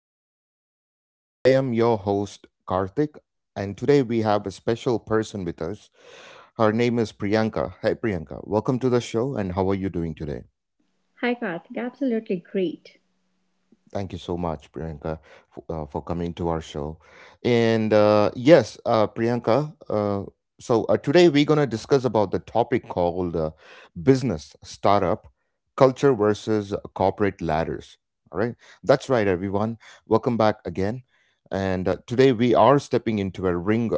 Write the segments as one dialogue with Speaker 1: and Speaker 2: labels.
Speaker 1: to my podcast. I am your host, Karthik, and today we have a special person with us. Her name is Priyanka. Hey, Priyanka, welcome to the show, and how are you doing today?
Speaker 2: Hi, Karthik. Absolutely great.
Speaker 1: Thank you so much, Priyanka, for coming to our show. Priyanka, today we're going to discuss about the topic called business startup culture versus corporate ladders. All right. That's right, everyone. Welcome back again. And today we are stepping into a ring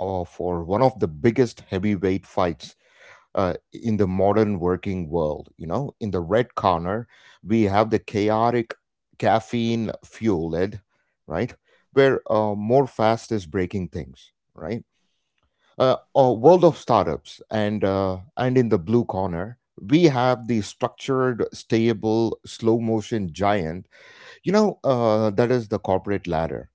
Speaker 1: for one of the biggest heavyweight fights in the modern working world. You know, in the red corner, we have the chaotic caffeine fueled, right? Where more fast is breaking things, right? A world of startups and in the blue corner we have the structured stable slow motion giant, you know, that is the corporate ladder.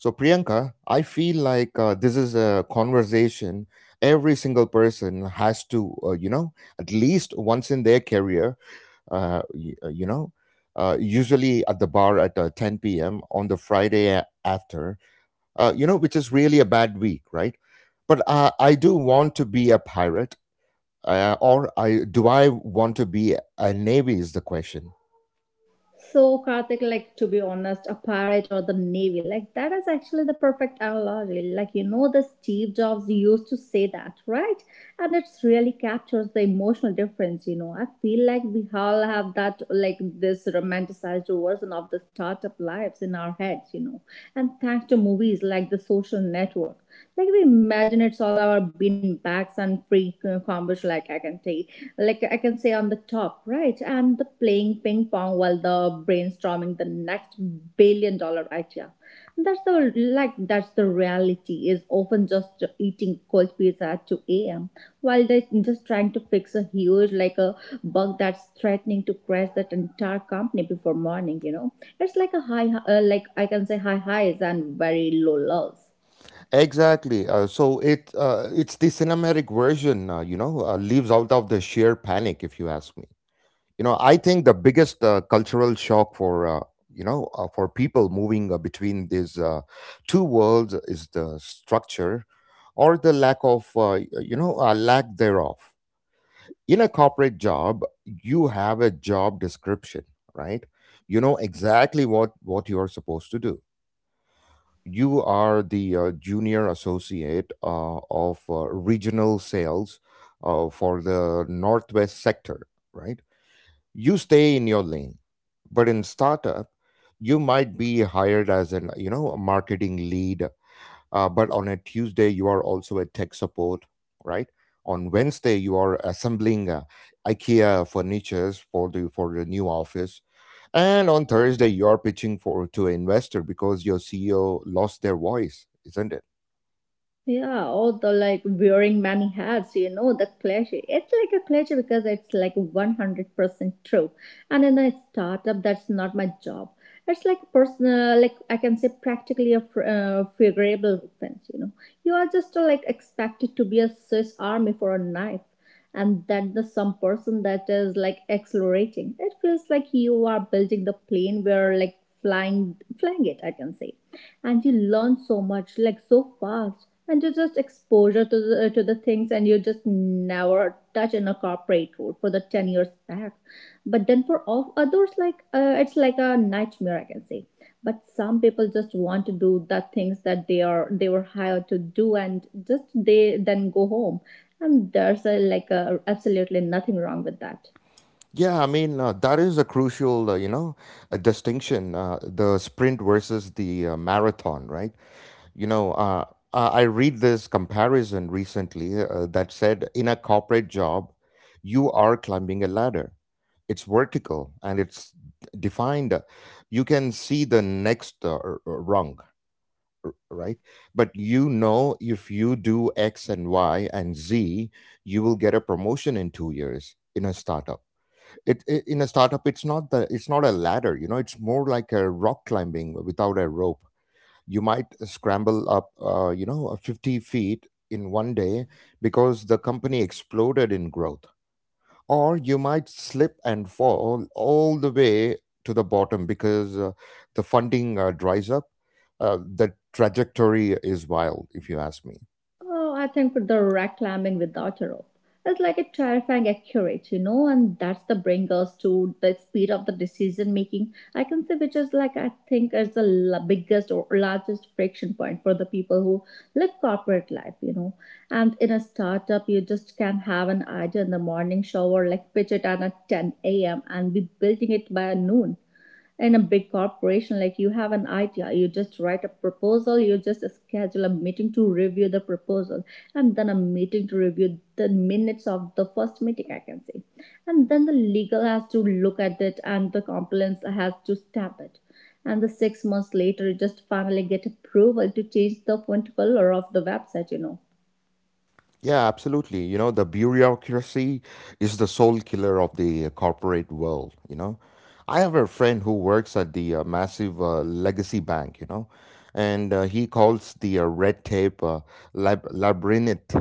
Speaker 1: So, Priyanka, I feel like this is a conversation every single person has to, at least once in their career, uh, y- uh, you know, usually at the bar at 10 p.m. on the Friday after, which is really a bad week, right? But I do want to be a pirate or I want to be a navy is the question.
Speaker 2: So, Karthik, like to be honest, a pirate or the navy, like that is actually the perfect analogy. Like, you know, the Steve Jobs used to say that, right? And it's really captures the emotional difference, you know. I feel like we all have that, like, this romanticized version of the startup lives in our heads, you know. And thanks to movies like The Social Network, like, we imagine it's all our bean bags and free combos, like, I can take like I can say on the top, right? And the playing ping pong while the brainstorming the next $1 billion idea. That's the like that's the reality is often just eating cold pizza at 2 a.m. while they're just trying to fix a huge like a bug that's threatening to crash that entire company before morning. You know, it's like a high like I can say high highs and very low lows.
Speaker 1: Exactly. It's the cinematic version, leaves out of the sheer panic, if you ask me. You know, I think the biggest cultural shock for for people moving between these two worlds is the structure or the lack of lack thereof. In a corporate job you have a job description, right? You know exactly what you are supposed to do. You are the junior associate of regional sales for the northwest sector, right? You stay in your lane. But in startup you might be hired as an, you know, a marketing lead, but on a Tuesday you are also a tech support, right? On Wednesday you are assembling IKEA furnitures for the new office, and on Thursday you are pitching for to an investor because your CEO lost their voice, isn't it?
Speaker 2: Yeah, all the like wearing many hats, you know, the cliche. It's like a cliche because it's like 100% true. And in a startup, that's not my job. It's like personal, like I can say practically a favorable offense, you know. You are just like expected to be a Swiss army for a knife. And that the some person that is like accelerating. It feels like you are building the plane where like flying it, I can say, and you learn so much like so fast and you just exposure to the things and you just never touch in a corporate world for the 10 years back. But then for all others like it's like a nightmare, I can say. But some people just want to do the things that they are they were hired to do and just they then go home, and there's a, like a, absolutely nothing wrong with that.
Speaker 1: Yeah, that is a crucial, a distinction, the sprint versus the marathon, right? You know, I read this comparison recently that said in a corporate job, you are climbing a ladder. It's vertical and it's defined. You can see the next rung, right? But you know, if you do X and Y and Z, you will get a promotion in 2 years. In a startup, It, I in a startup, it's not the it's not a ladder. You know, it's more like a rock climbing without a rope. You might scramble up 50 feet in one day because the company exploded in growth, or you might slip and fall all the way to the bottom because the funding dries up. The trajectory is wild if you ask me.
Speaker 2: Oh, I think for the rock climbing without a rope it's like a terrifying accurate, you know, and that's the bring us to the speed of the decision making. I can say which is like I think is the biggest or largest friction point for the people who live corporate life, you know. And in a startup, you just can have an idea in the morning shower, like pitch it at 10 a.m. and be building it by noon. In a big corporation, like you have an idea, you just write a proposal, you just schedule a meeting to review the proposal, and then a meeting to review the minutes of the first meeting, I can say. And then the legal has to look at it and the compliance has to stamp it, and the 6 months later you just finally get approval to change the font color of the website, you know.
Speaker 1: Yeah, absolutely. You know, the bureaucracy is the soul killer of the corporate world, you know. I have a friend who works at the massive legacy bank, you know, and he calls the red tape labyrinth,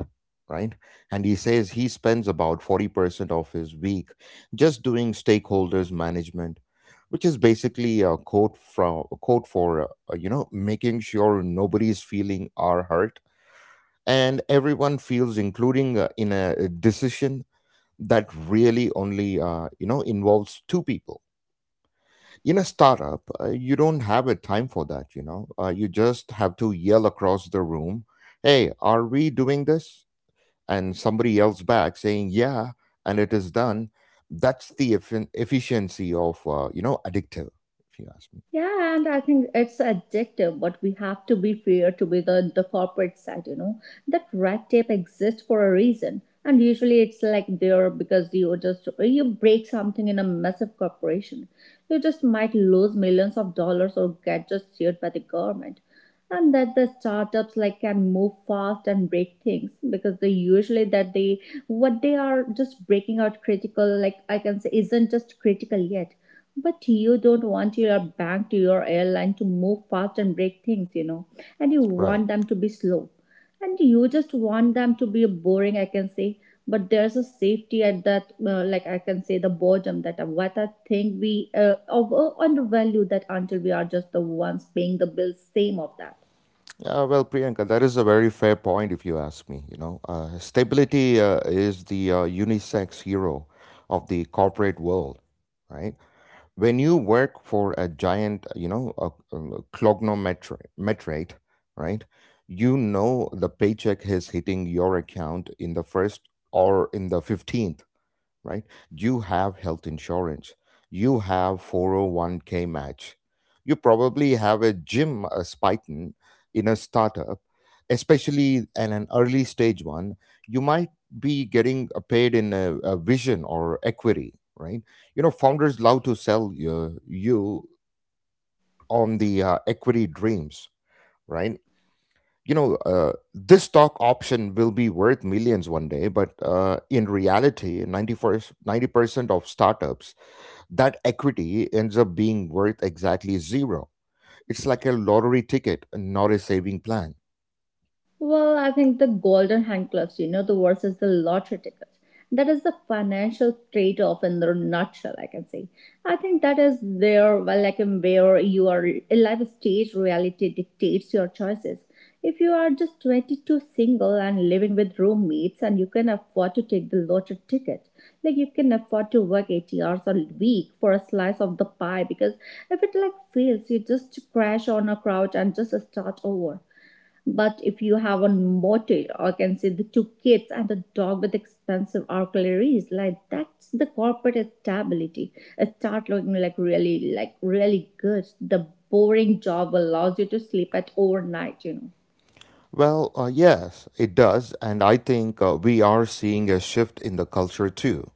Speaker 1: right? And he says he spends about 40% of his week just doing stakeholders management, which is basically a code from a code for, making sure nobody is feeling or hurt and everyone feels including in a decision that really only, involves two people. In a startup you don't have a time for that, you know. You just have to yell across the room, hey, are we doing this? And somebody yells back saying yeah, and it is done. That's the efficiency of, addictive, if you ask me.
Speaker 2: Yeah, and I think it's addictive, but we have to be fair to be the corporate side, you know, that red tape exists for a reason. And usually it's like there because you just, you break something in a massive corporation. You just might lose millions of dollars or get just sued by the government, and that the startups like can move fast and break things because they usually that they what they are just breaking out critical like I can say isn't just critical yet. But you don't want your bank to your airline to move fast and break things, you know, and you
Speaker 1: Right.
Speaker 2: want them to be slow, and you just want them to be boring, I can say. But there's a safety at that like I can say the bottom that what I think we over undervalue that until we are just the ones paying the bills same of that.
Speaker 1: Well, Priyanka, that is a very fair point if you ask me. You know, stability is the unisex hero of the corporate world, right? When you work for a giant, you know, a cognometrate, right? You know the paycheck is hitting your account in the first or in the 15th, right? You have health insurance, you have 401k match, you probably have a gym, a Spiton. In a startup, especially in an early stage one, you might be getting paid in a vision or equity, right? You know, founders love to sell you on the equity dreams, right? You know, this stock option will be worth millions one day, but in reality, 90% of startups that equity ends up being worth exactly zero. It's like a lottery ticket, not a saving plan.
Speaker 2: Well, I think the golden handcuffs, you know, the versus the lottery tickets. That is the financial trade-off in the nutshell, I can say. I think that is there, well, like in where your life stage reality dictates your choices. If you are just 22 single and living with roommates and you can afford to take the lottery ticket, like you can afford to work 80 hours a week for a slice of the pie because if it like fails, you just crash on a couch and just start over. But if you have a motel, or can say the two kids and a dog with expensive auxiliaries, like that's the corporate stability. Start looking like really good. The boring job allows you to sleep at overnight, you know.
Speaker 1: Well, yes, it does. And I think we are seeing a shift in the culture too.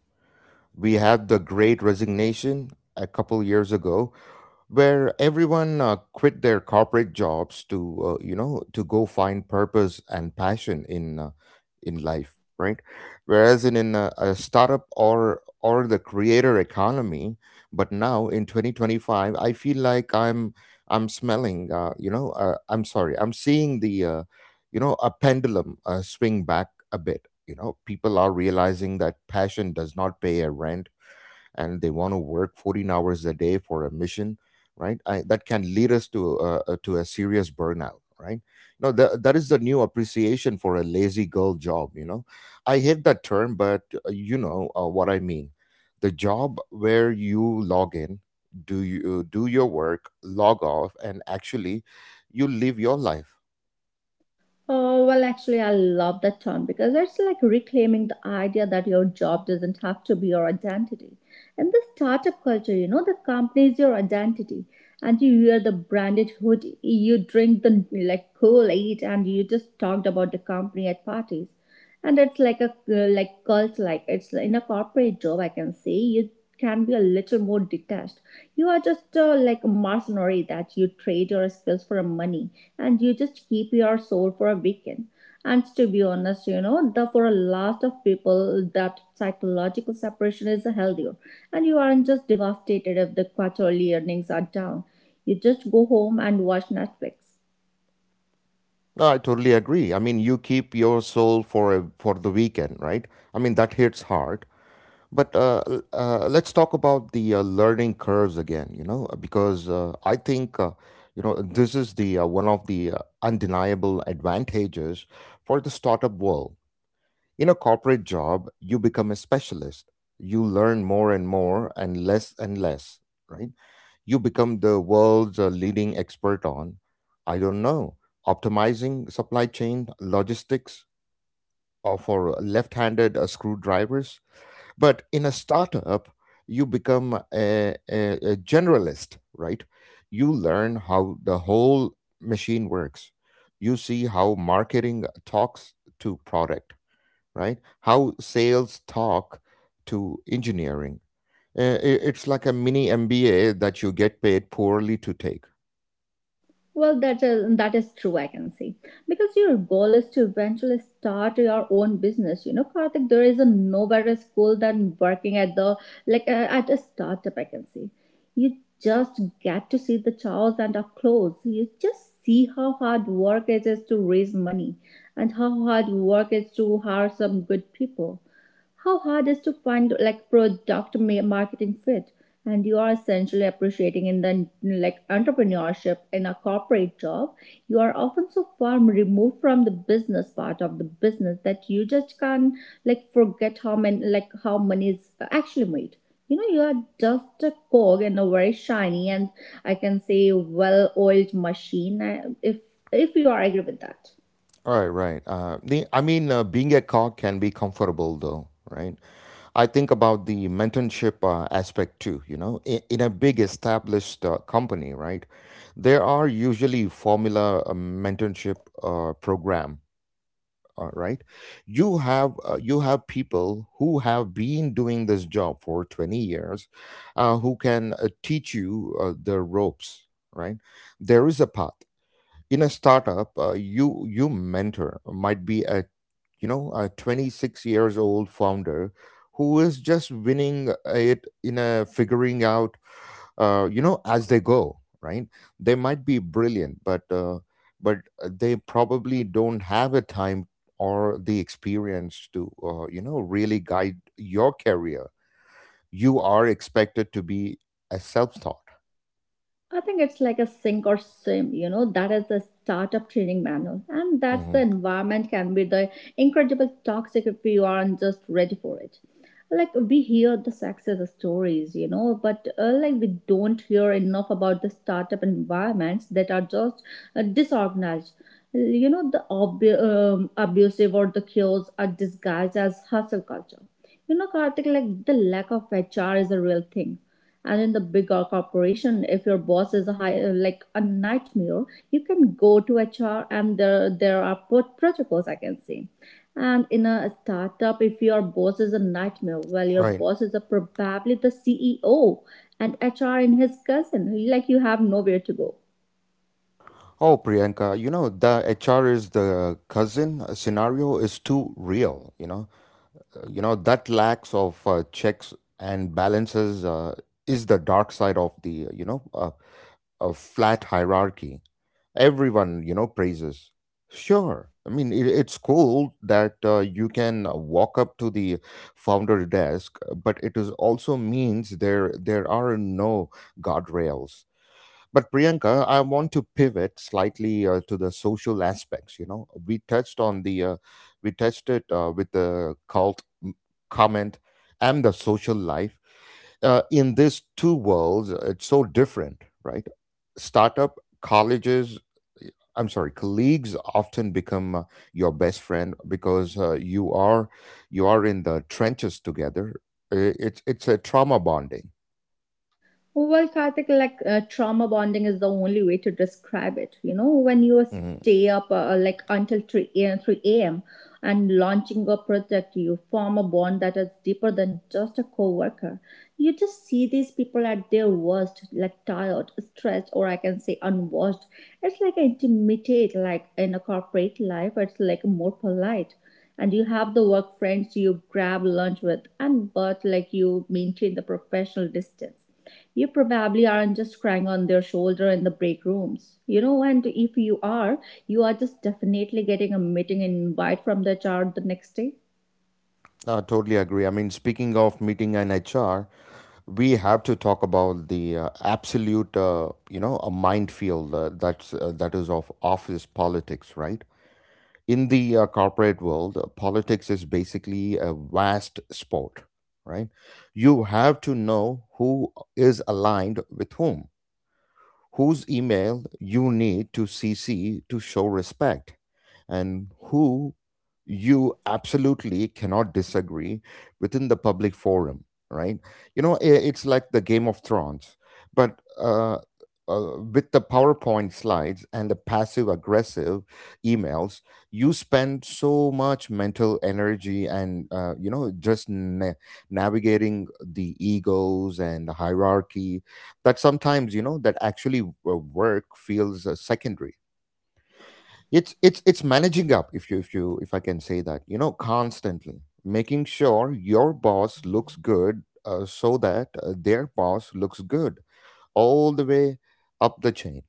Speaker 1: We had the great resignation a couple years ago, where everyone quit their corporate jobs to, to go find purpose and passion in life, right? Whereas in a startup or the creator economy. But now in 2025 I feel like I'm smelling you know I'm sorry I'm seeing the, a pendulum swing back a bit. You know, people are realizing that passion does not pay a rent, and they want to work 14 hours a day for a mission, right? That can lead us to a serious burnout, right? No, that is the new appreciation for a lazy girl job, you know. I hate that term but, what I mean, the job where you log in, do your work, log off and actually you live your life.
Speaker 2: Oh, well, actually, I love that term because it's like reclaiming the idea that your job doesn't have to be your identity. In the startup culture, you know, the company is your identity, and you wear the branded hoodie, you drink the like Kool Aid, and you just talked about the company at parties. And it's like a like cult, like it's in a corporate job. I can say you can be a little more detached. You are just like a mercenary that you trade your skills for money, and you just keep your soul for a weekend. And to be honest, you know, the for a lot of people that psychological separation is healthier. And you aren't just devastated if the quarterly earnings are down. You just go home and watch Netflix.
Speaker 1: No, I totally agree. I mean, you keep your soul for the weekend, right? I mean that hits hard. But let's talk about the learning curves again, you know, because I think, you know, this is the one of the undeniable advantages for the startup world. In a corporate job, you become a specialist. You learn more and more and less, right? You become the world's leading expert on, I don't know, optimizing supply chain logistics or for left-handed screwdrivers. But in a startup, you become a generalist, right? You learn how the whole machine works. You see how marketing talks to product, right? How sales talk to engineering. It's like a mini MBA that you get paid poorly to take.
Speaker 2: Well, that is true, I can see. Because your goal is to eventually start your own business. You know, Karthik, there is a no better school than working at the, like, at a startup, I can see. You just get to see the chows and up close. You just see how hard work it is to raise money, and how hard work is to hire some good people, how hard is to find like product marketing fit, and you are essentially appreciating in the like entrepreneurship. In a corporate job you are often so far removed from the business part of the business that you just can't like forget how many like how money is actually made, you know. You are just a cog in a very shiny and I can say well oiled machine. If you are agree with that.
Speaker 1: Right, right. The I mean, being a cog can be comfortable though, right? I think about the mentorship aspect too. You know, in a big established company, right? There are usually formula mentorship program, right? You have people who have been doing this job for 20 years, who can teach you the ropes, right? There is a path. In a startup you mentor might be a, you know, a 26 years old founder who is just winning it in a figuring out, as they go, right? They might be brilliant, but they probably don't have a time or the experience to, really guide your career. You are expected to be a self-taught.
Speaker 2: I think it's like a sink or swim, you know, that is the startup training manual. And that's the
Speaker 1: Mhm.
Speaker 2: environment can be the incredible toxic if you aren't just ready for it. Like we hear the success stories, you know, but like we don't hear enough about the startup environments that are just disorganized. You know, the abusive or the chaos are disguised as hustle culture. You know, Karthik, like the lack of HR is a real thing, and in the bigger corporation if your boss is a high, like a nightmare, you can go to HR and there are protocols, I can say. And in a startup if your boss is a nightmare, well your
Speaker 1: Right.
Speaker 2: boss is a, probably the CEO, and HR in his cousin, like you have nowhere to go.
Speaker 1: Oh, Priyanka, you know, the HR is the cousin scenario is too real, you know. You know, that lacks of checks and balances is the dark side of the, a flat hierarchy. Everyone, you know, praises. Sure. I mean, it's cool that you can walk up to the founder desk, but it is also means there are no guardrails. But Priyanka, I want to pivot slightly to the social aspects. You know, we touched on the, we touched it with the comment and the social life. In these two worlds, it's so different, right? Startup colleges, y- I'm sorry, colleagues often become your best friend because you are in the trenches together. It's a trauma bonding.
Speaker 2: Well, I think like trauma bonding is the only way to describe it. You know, when you
Speaker 1: Mhm.
Speaker 2: stay up like until 3 a.m. 3 a.m. and launching a project, you form a bond that is deeper than just a coworker. You just see these people at their worst, like tired, stressed, or I can say unwashed. It's like intimidate, like in a corporate life, it's like more polite, and you have the work friends you grab lunch with, and but like you maintain the professional distance. You probably aren't just crying on their shoulder in the break rooms. You know, and if you are, you are just definitely getting a meeting invite from the HR the next day.
Speaker 1: I totally agree. I mean, speaking of meeting an HR, we have to talk about the absolute, a minefield that is of office politics, right? In the corporate world, politics is basically a vast sport, right? You have to know who is aligned with whom, whose email you need to CC to show respect, and who you absolutely cannot disagree within the public forum, right? You know, i- it's like the Game of Thrones, but with the PowerPoint slides and the passive aggressive emails. You spend so much mental energy and, you know, just na- navigating the egos and the hierarchy that sometimes, that actually work feels secondary. It's managing up, if I can say that, you know, constantly making sure your boss looks good so that their boss looks good all the way up the chain,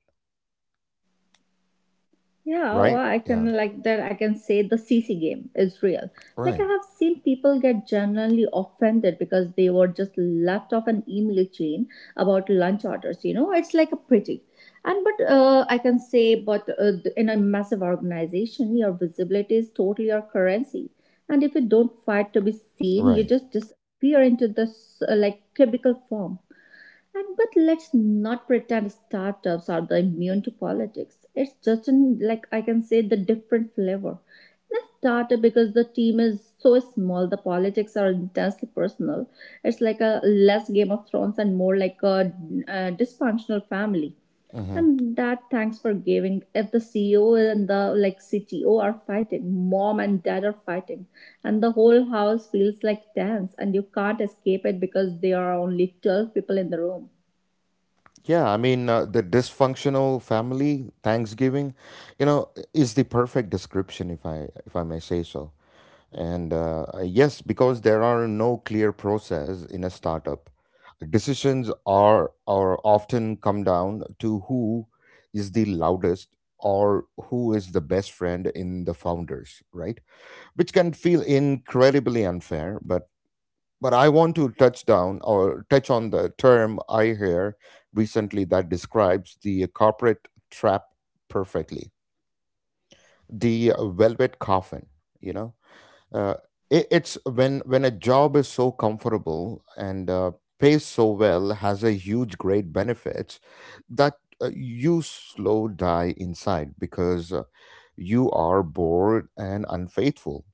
Speaker 2: Yeah, or
Speaker 1: right?
Speaker 2: I
Speaker 1: Yeah.
Speaker 2: can like that I can say the CC game is real. Like I
Speaker 1: Right.
Speaker 2: have seen people get genuinely offended because they were just left off an email chain about lunch orders, you know? It's like a pretty. And but I can say but in a massive organization your visibility is totally your currency. And if you don't fight to be seen, you
Speaker 1: Right.
Speaker 2: just disappear into this like cubicle form. And but let's not pretend startups are the immune to politics. It's just in, like I can say the different flavor. In a startup, because the team is so small, the politics are intensely personal. It's like a less Game of Thrones and more like a, dysfunctional family.
Speaker 1: Hmm.
Speaker 2: And that thanks for giving. If the CEO and the like CTO are fighting, mom and dad are fighting, and the whole house feels like dance, and you can't escape it because there are only 12 people in the room.
Speaker 1: Yeah, I mean, the dysfunctional family thanksgiving, you know, is the perfect description, if I may say so. And yes, because there are no clear process in a startup, decisions are often come down to who is the loudest or who is the best friend in the founders, right? Which can feel incredibly unfair, but I want to touch down or touch on the term I hear recently that describes the corporate trap perfectly. The velvet coffin, you know. uh, it's when a job is so comfortable and pays so well, has a huge great benefits, that you slow die inside because you are bored and unfaithful,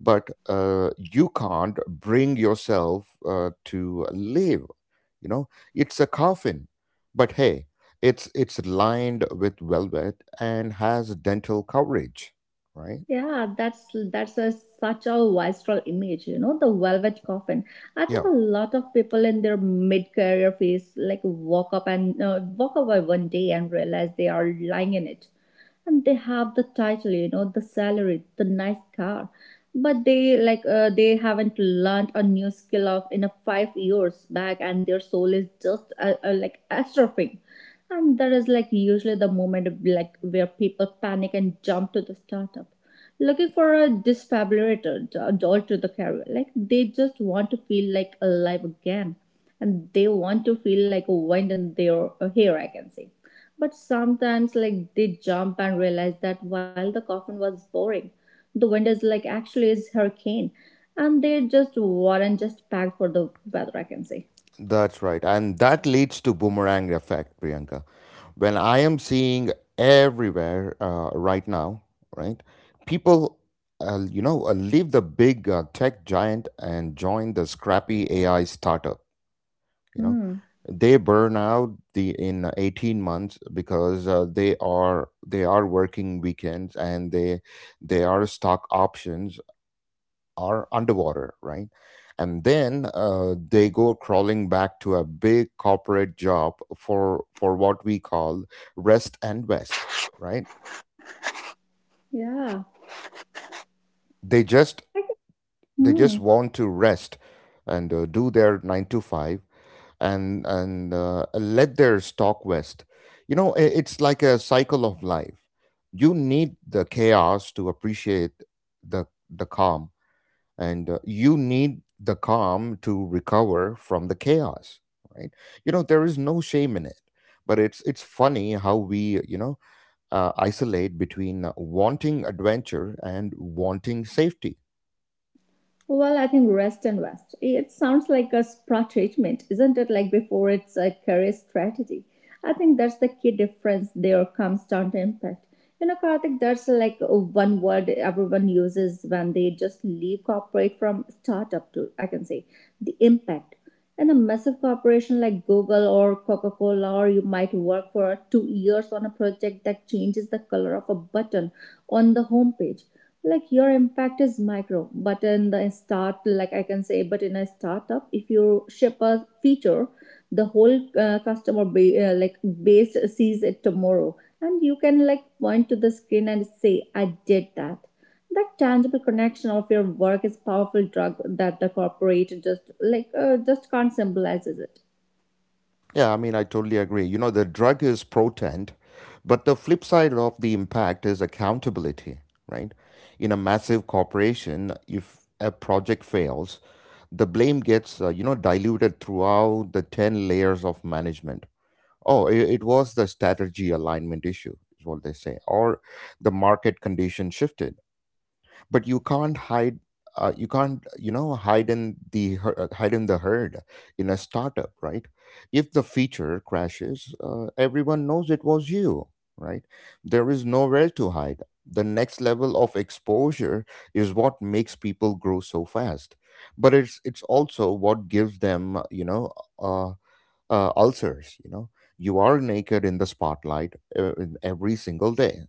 Speaker 1: but you can't bring yourself to live, you know. It's a coffin, but hey, it's lined with velvet and has dental coverage, right?
Speaker 2: Yeah, that's a, such a visceral image, you know, the velvet coffin. I think
Speaker 1: Yeah.
Speaker 2: a lot of people in their mid-career phase like walk up and walk away one day and realize they are lying in it, and they have the title, you know, the salary, the nice car, but they they haven't learned a new skill of in a 5 years back, and their soul is just like atrophying, and that is like usually the moment like where people panic and jump to the startup looking for a disfabulated adult to the career. Like they just want to feel like alive again, and they want to feel like a wind in their hair. I can say, but sometimes like they jump and realize that while the coffin was boring, the wind is like actually is hurricane, and they just weren't just packed for the weather. I can say.
Speaker 1: That's right. And that leads to boomerang effect, Priyanka, when I am seeing everywhere right now, right? People leave the big tech giant and join the scrappy AI startup, you know.
Speaker 2: Hmm.
Speaker 1: They burn out the in 18 months because they are working weekends, and they are stock options are underwater, right? And then they go crawling back to a big corporate job for what we call rest and west, right?
Speaker 2: Yeah.
Speaker 1: They just
Speaker 2: I think-
Speaker 1: they
Speaker 2: Hmm.
Speaker 1: just want to rest and do their nine to five, and let their stock west. It's like a cycle of life. You need the chaos to appreciate the calm, and you need the calm to recover from the chaos, right? You know, there is no shame in it, but it's funny how we, isolate between wanting adventure and wanting safety.
Speaker 2: Well, I think rest and rest. It sounds like a spa treatment, isn't it? Like before it's a career strategy. I think that's the key difference there comes down to impact. You know, Karthik, that's like one word everyone uses when they just leave corporate from startup to, I can say, the impact in a massive corporation like Google or Coca Cola, or you might work for 2 years on a project that changes the color of a button on the homepage. Like your impact is micro, but in the start, like I can say, but in a startup, if you ship a feature, the whole like base sees it tomorrow, and you can like point to the screen and say, "I did that." That tangible connection of your work is powerful drug that the corporate just just can't symbolize it.
Speaker 1: Yeah, I mean, I totally agree. You know, the drug is potent, but the flip side of the impact is accountability, right? In a massive corporation, if a project fails, the blame gets, you know, diluted throughout the 10 layers of management. Oh, it was the strategy alignment issue, is what they say, or the market condition shifted. But you can't hide, you can't, you know, hide in the hide in the herd in a startup, right? If the feature crashes, everyone knows it was you, right? There is nowhere to hide. The next level of exposure is what makes people grow so fast, but it's also what gives them, you know, uh, ulcers. You know, you are naked in the spotlight in every single day.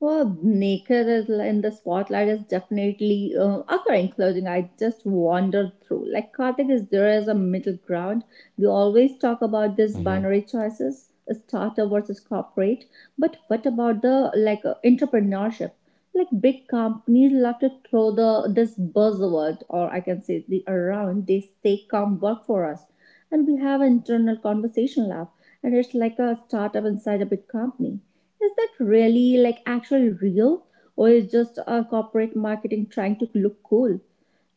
Speaker 2: Well, in the spotlight is definitely occurring clothing. I just wandered through. Like Karthik, is there is a middle ground? We always talk about this
Speaker 1: Hmm.
Speaker 2: binary choices, startup versus corporate. But what about the entrepreneurship? Like big companies love to throw the this buzzword, or I can say the around. They say, "Come work for us," and we have internal conversation lab, and it's like a startup inside a big company. Is that really like actual real, or is just a corporate marketing trying to look cool?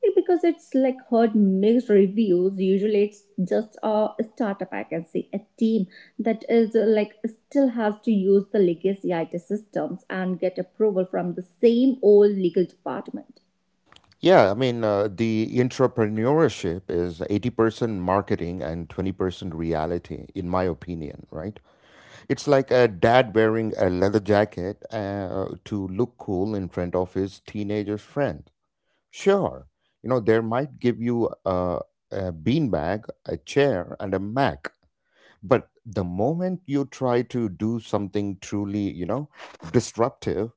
Speaker 2: Like, because it's like heard mixed reviews. Usually it's just a startup I can say a team that is like still has to use the legacy IT systems and get approval from the same old legal department.
Speaker 1: Yeah, I mean, the entrepreneurship is 80% marketing and 20% reality, in my opinion, right? It's like a dad wearing a leather jacket to look cool in front of his teenager's friend. Sure, you know, they might give you a beanbag, a chair, and a Mac, but the moment you try to do something truly, you know, disruptive,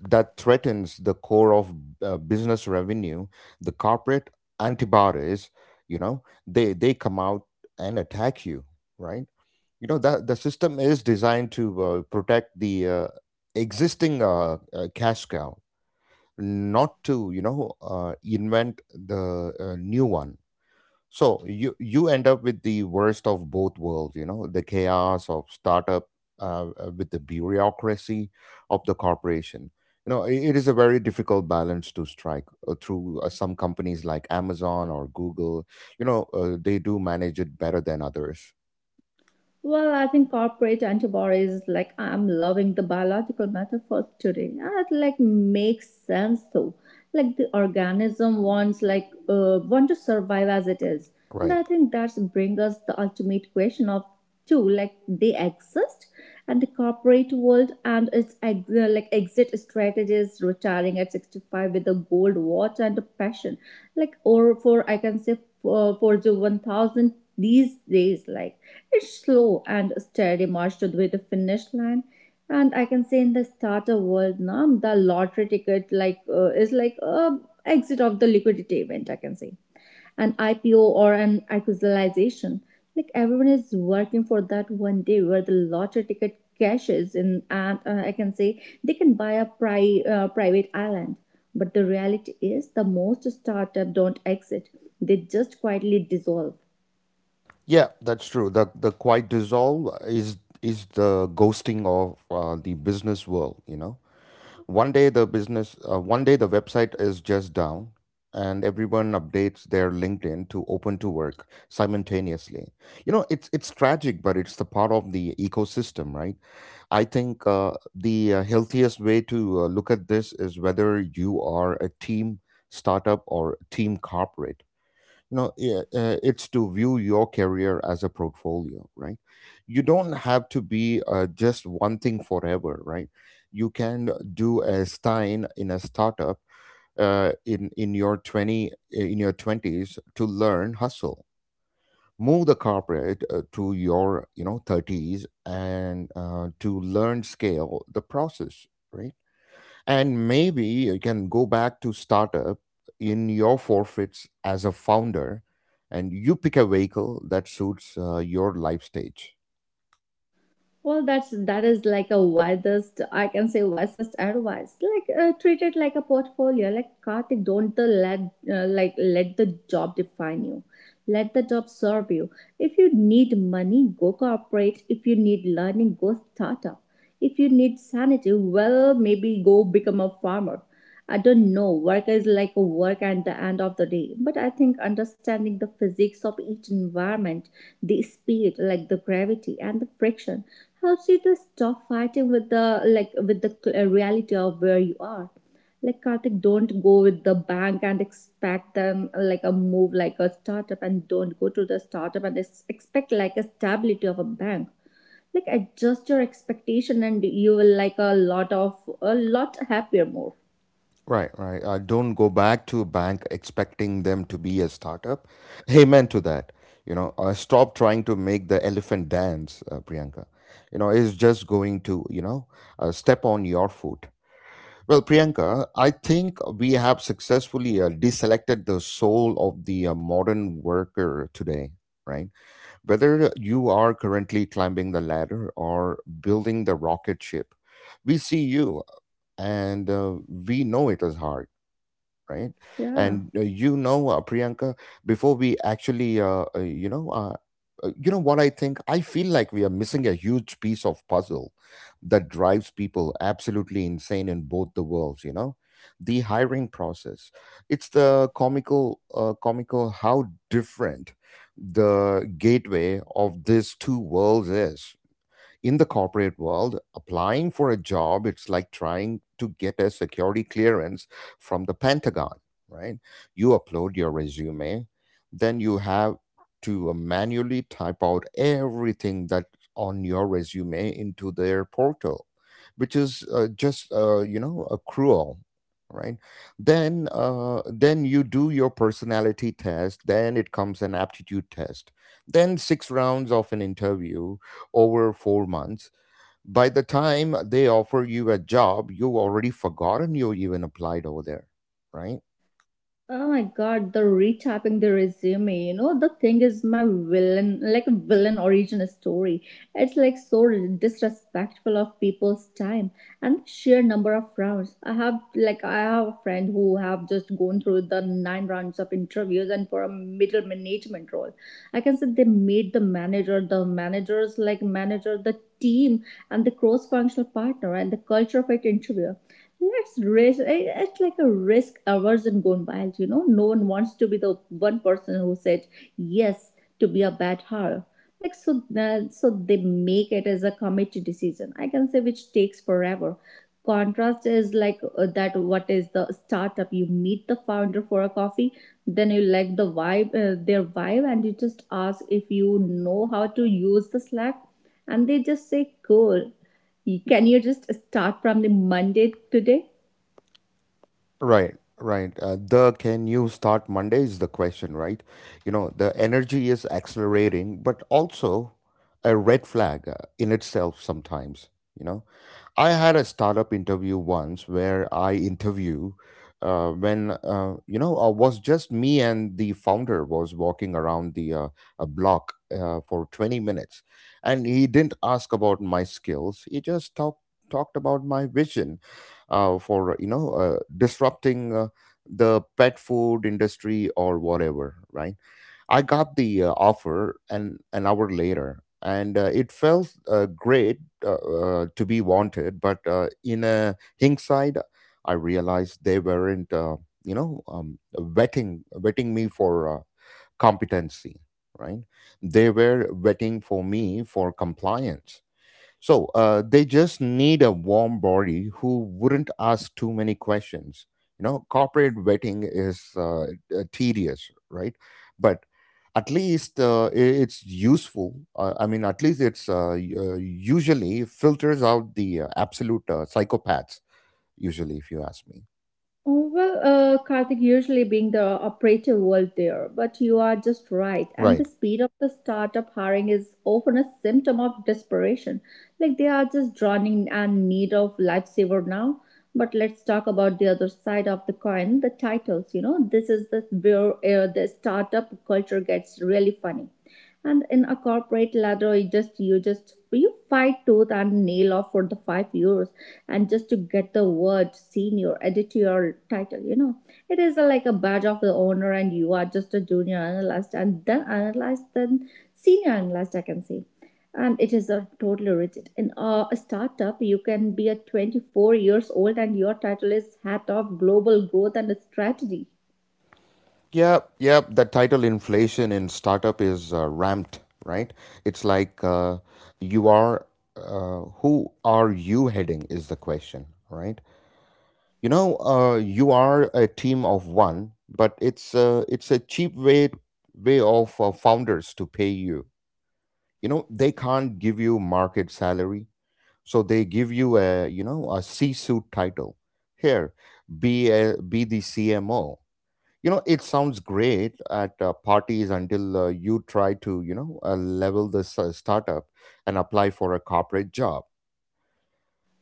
Speaker 1: that threatens the core of business revenue, the corporate antibodies, you know, they come out and attack you, right? You know, that the system is designed to protect the existing cash cow, not to, you know, invent the new one. So you end up with the worst of both worlds, you know, the chaos of startup with the bureaucracy of the corporation. It is a very difficult balance to strike, through some companies like Amazon or Google. You know, they do manage it better than others.
Speaker 2: Well, I think corporate antibodies, like I'm loving the biological metaphors today. That like makes sense though. Like the organism wants want to survive as it is, and
Speaker 1: Right.
Speaker 2: I think that's bring us the ultimate question of two like they exist, and the corporate world and its like exit strategies, retiring at 65 with a gold watch and a passion, like or for I can say for the 1,000 these days like it's slow and steady march to the finish line. And I can say in the starter world, now the lottery ticket is like a exit of the liquidity event. I can say an IPO or an acquisition. Like everyone is working for that one day where the lottery ticket cashes in, and I can say they can buy a private island. But the reality is, the most startup don't exit; they just quietly dissolve.
Speaker 1: Yeah, that's true. The quiet dissolve is the ghosting of the business world. You know, one day the website is just down, and everyone updates their linkedin to open to work simultaneously. You know, it's tragic, but it's the part of the ecosystem, right? I think the healthiest way to look at this, is whether you are a team startup or team corporate, you know, yeah, it's to view your career as a portfolio, right? You don't have to be just one thing forever, right? You can do a stein in a startup in your 20s to learn hustle, move the corporate to your, you know, 30s and to learn scale the process, right? And maybe you can go back to startup in your forfeits as a founder, and you pick a vehicle that suits your life stage.
Speaker 2: Well, that is like a wisest I can say wisest advice. Like treat it like a portfolio. Like Karthik, don't the let like let the job define you. Let the job serve you. If you need money, go corporate. If you need learning, go startup. If you need sanity, well, maybe go become a farmer. I don't know. Work is like a work at the end of the day. But I think understanding the physics of each environment, the speed, like the gravity and the friction, helps you to stop fighting with the like with the reality of where you are. Like Karthik, don't go with the bank and expect them like a move like a startup, and don't go to the startup and expect like a stability of a bank. Like adjust your expectation and you will like a lot of a lot happier more.
Speaker 1: Right, right. Don't go back to a bank expecting them to be a startup. Amen to that. You know, stop trying to make the elephant dance, Priyanka. You know, it's just going to, you know, step on your foot. Well, Priyanka, I think we have successfully deselected the soul of the modern worker today, right? Whether you are currently climbing the ladder or building the rocket ship, we see you, and we know it is hard, right?
Speaker 2: Yeah.
Speaker 1: And you know, Priyanka, before we actually you know what, I think I feel like we are missing a huge piece of puzzle that drives people absolutely insane in both the worlds. You know, the hiring process, it's the comical, comical how different the gateway of these two worlds is. In the corporate world, applying for a job, it's like trying to get a security clearance from the Pentagon, right? You upload your resume, then you have to manually type out everything that's on your resume into their portal, which is, a cruel, right? Then then you do your personality test, then it comes an aptitude test, then six rounds of an interview over 4 months. By the time they offer you a job, you've already forgotten you even applied over there, right?
Speaker 2: Oh my god, the retyping the resume. You know, the thing is my villain, like villain origin story. It's like so disrespectful of people's time and sheer number of rounds. I have a friend who have just gone through the 9 rounds of interviews and for a middle management role. I can say they made the manager, the managers like manager, the team and the cross functional partner and the culture fit interview. That's risk. It's like a risk aversion gone wild. You know, no one wants to be the one person who said yes to be a bad hire. Like so, so they make it as a committee decision. I can say which takes forever. Contrast is that. What is the startup? You meet the founder for a coffee, then you like the vibe, their vibe, and you just ask if you know how to use the Slack, and they just say cool. Can you just start from the Monday today?
Speaker 1: Right, right. The can you start Monday is the question, right? You know, the energy is accelerating, but also a red flag in itself sometimes, you know? I had a startup interview once, where I interview when you know was just me and the founder, was walking around the a block for 20 minutes, and he didn't ask about my skills. He just talked about my vision for disrupting the pet food industry or whatever, right? I got the offer an hour later, and it felt great to be wanted. But in a hindsight, I realized they weren't, vetting me for competency. Right? They were vetting for me for compliance, so they just need a warm body who wouldn't ask too many questions. You know, corporate vetting is, tedious, right? But at least, it's useful. I mean, at least it's, usually filters out the absolute psychopaths. Usually, if you ask me,
Speaker 2: Oh, well, Karthik, usually being the operative world there, but you are just right. And the
Speaker 1: right?
Speaker 2: speed of the startup hiring is often a symptom of desperation. Like they are just drowning and need of lifesaver now. But let's talk about the other side of the coin, the titles. You know, this is the where the startup culture gets really funny. And in a corporate ladder, you fight tooth and nail off for the 5 years and just to get the word senior added to your title, you know it is a, like a badge of the honor, and you are just a junior analyst and then analyst then senior analyst I can say, and it is a totally rigid in a, startup you can be a 24 years old and your title is head of global growth and strategy.
Speaker 1: Yeah, yeah. The title inflation in startup is ramped, right? It's like you are, who are you heading is the question, right? You know, you are a team of one, but it's a cheap way of founders to pay you. You know, they can't give you market salary, so they give you a, you know, a C-suit title. Here, be a, be the CMO. You know, it sounds great at parties until you try to, you know, level this startup and apply for a corporate job.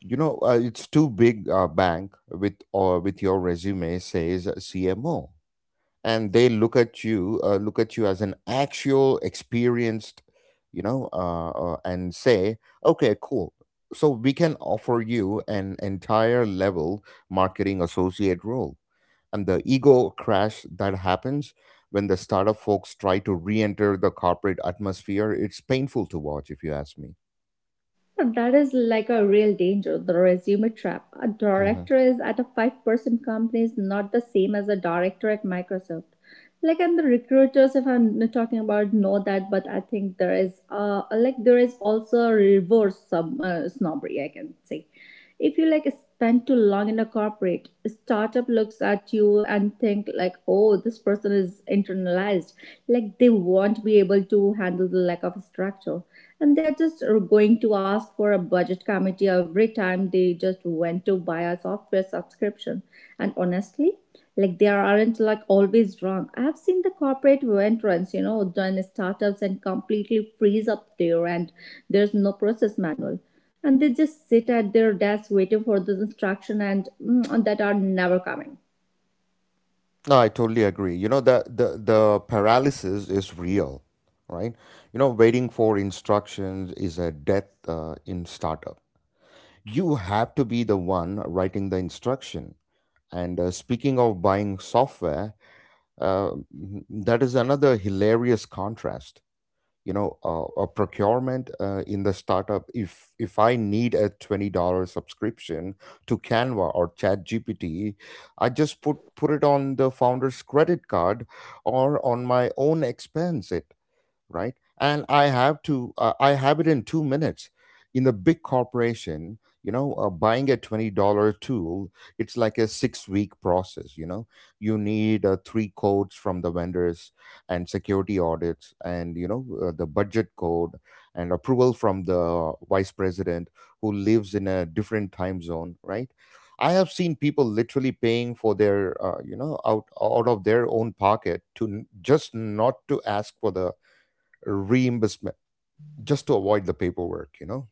Speaker 1: You know, it's too big bank with or with your resume says cmo, and they look at you as an actual experienced, you know, and say, okay cool, so we can offer you an entire level marketing associate role. And the ego crash that happens when the startup folks try to re-enter the corporate atmosphere, it's painful to watch, if you ask me.
Speaker 2: That is like a real danger, the resume trap. A
Speaker 1: Mhm.
Speaker 2: director is at a 5-person company is not the same as a director at Microsoft. Like, and the recruiters, if I'm not talking about, know that, but I think there is, like, there is also a reverse sub, snobbery, I can say. If you like spend too long in a corporate, a startup looks at you and think like, oh, this person is internalized. Like they won't be able to handle the lack of structure. And they're just going to ask for a budget committee every time they just went to buy a software subscription. And honestly, they aren't like always wrong. I've seen the corporate entrants, you know, join startups and completely freeze up there, and there's no process manual, and they just sit at their desk waiting for the instruction, and mm, that are never coming.
Speaker 1: No, I totally agree. You know, the, the paralysis is real, right? You know, waiting for instructions is a death in startup. You have to be the one writing the instruction. And speaking of buying software, uh, that is another hilarious contrast. A procurement in the startup, if I need a $20 subscription to Canva or chat gpt I just put it on the founder's credit card or on my own expense, right? And I have to, I have it in 2 minutes. In the big corporation, you know, buying a $20 tool, it's like a 6 week process, you know? You need three codes from the vendors and security audits and, the budget code and approval from the vice president who lives in a different time zone, right? I have seen people literally paying for their, out of their own pocket to just not to ask for the reimbursement, just to avoid the paperwork, you know.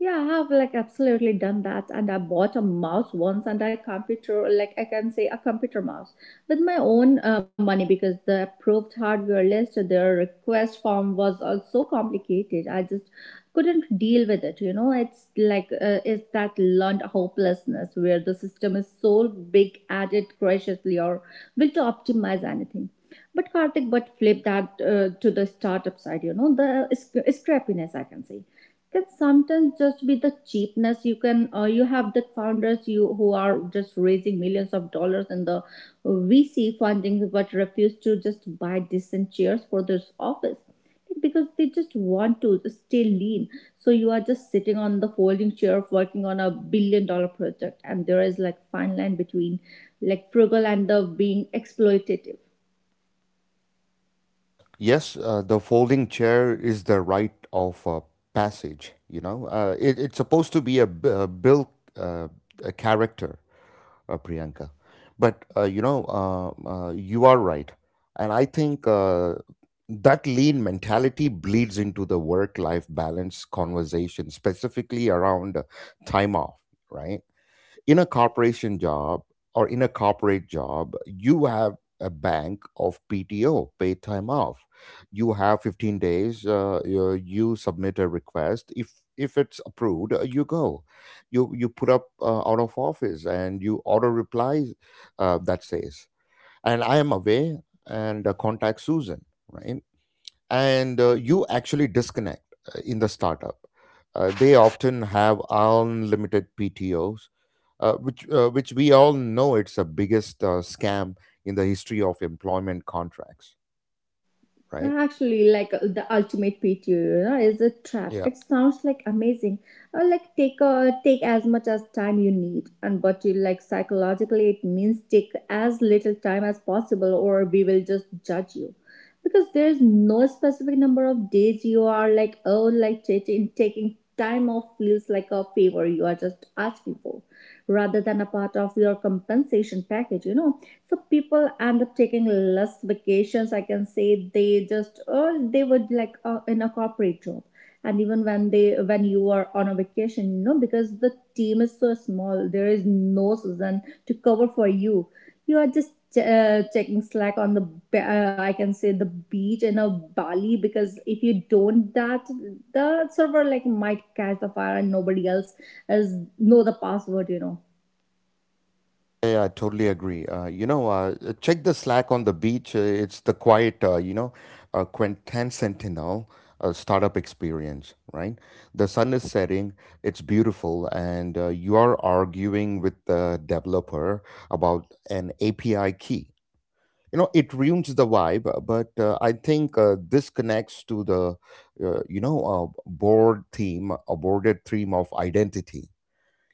Speaker 2: Yeah, I have like absolutely done that. And I bought a mouse once and I computer, like I can say a computer mouse with my own money because the approved hardware list, their request form was also complicated. I just couldn't deal with it. You know, it's like, it's that learned hopelessness where the system is so big at it graciously or will to optimize anything. But Karthik, but flip that to the startup side, you know, the scrappiness, I can say can sometimes just be the cheapness. You can you have the founders you who are just raising millions of dollars in the VC funding but refuse to just buy decent chairs for this office because they just want to stay lean, so you are just sitting on the folding chair of working on a billion dollar project, and there is like fine line between like frugal and the being exploitative.
Speaker 1: Yes, the folding chair is the rite of passage. You know, it's supposed to be a, b- a built uh, a character, Priyanka. But you are right, and I think that lean mentality bleeds into the work-life balance conversation, specifically around time off. Right? in a corporation job or in a corporate job, you have a bank of PTO, paid time off. You have 15 days. You submit a request. If it's approved, you go. You put up out of office and you auto replies that says, and I am away and contact Susan. Right, and you actually disconnect in the startup. They often have unlimited PTOs, which we all know it's the biggest scam in the history of employment contracts, right?
Speaker 2: Actually, the ultimate PT era is a trap.
Speaker 1: Yeah.
Speaker 2: It sounds like amazing. Like take as much as time you need, and but you like psychologically it means take as little time as possible, or we will just judge you, because there is no specific number of days you are like oh like taking time off feels like a favor you are just asking for, rather than a part of your compensation package. So people end up taking less vacations I can say they just or they would in a corporate job. And even when they when you are on a vacation, you know, because the team is so small, there is no season to cover for you. You are just checking Slack on the ba- I can say the beach in a Bali, because if you don't that the server like might catch the fire and nobody else is know the password, you know.
Speaker 1: Yeah, I totally agree. Check the Slack on the beach. It's the quiet, Quentin Sentinel startup experience, right? The sun is setting, it's beautiful, and you are arguing with the developer about an API key. You know, it ruins the vibe, but I think this connects to the, uh, you know, board theme, a boarded theme of identity.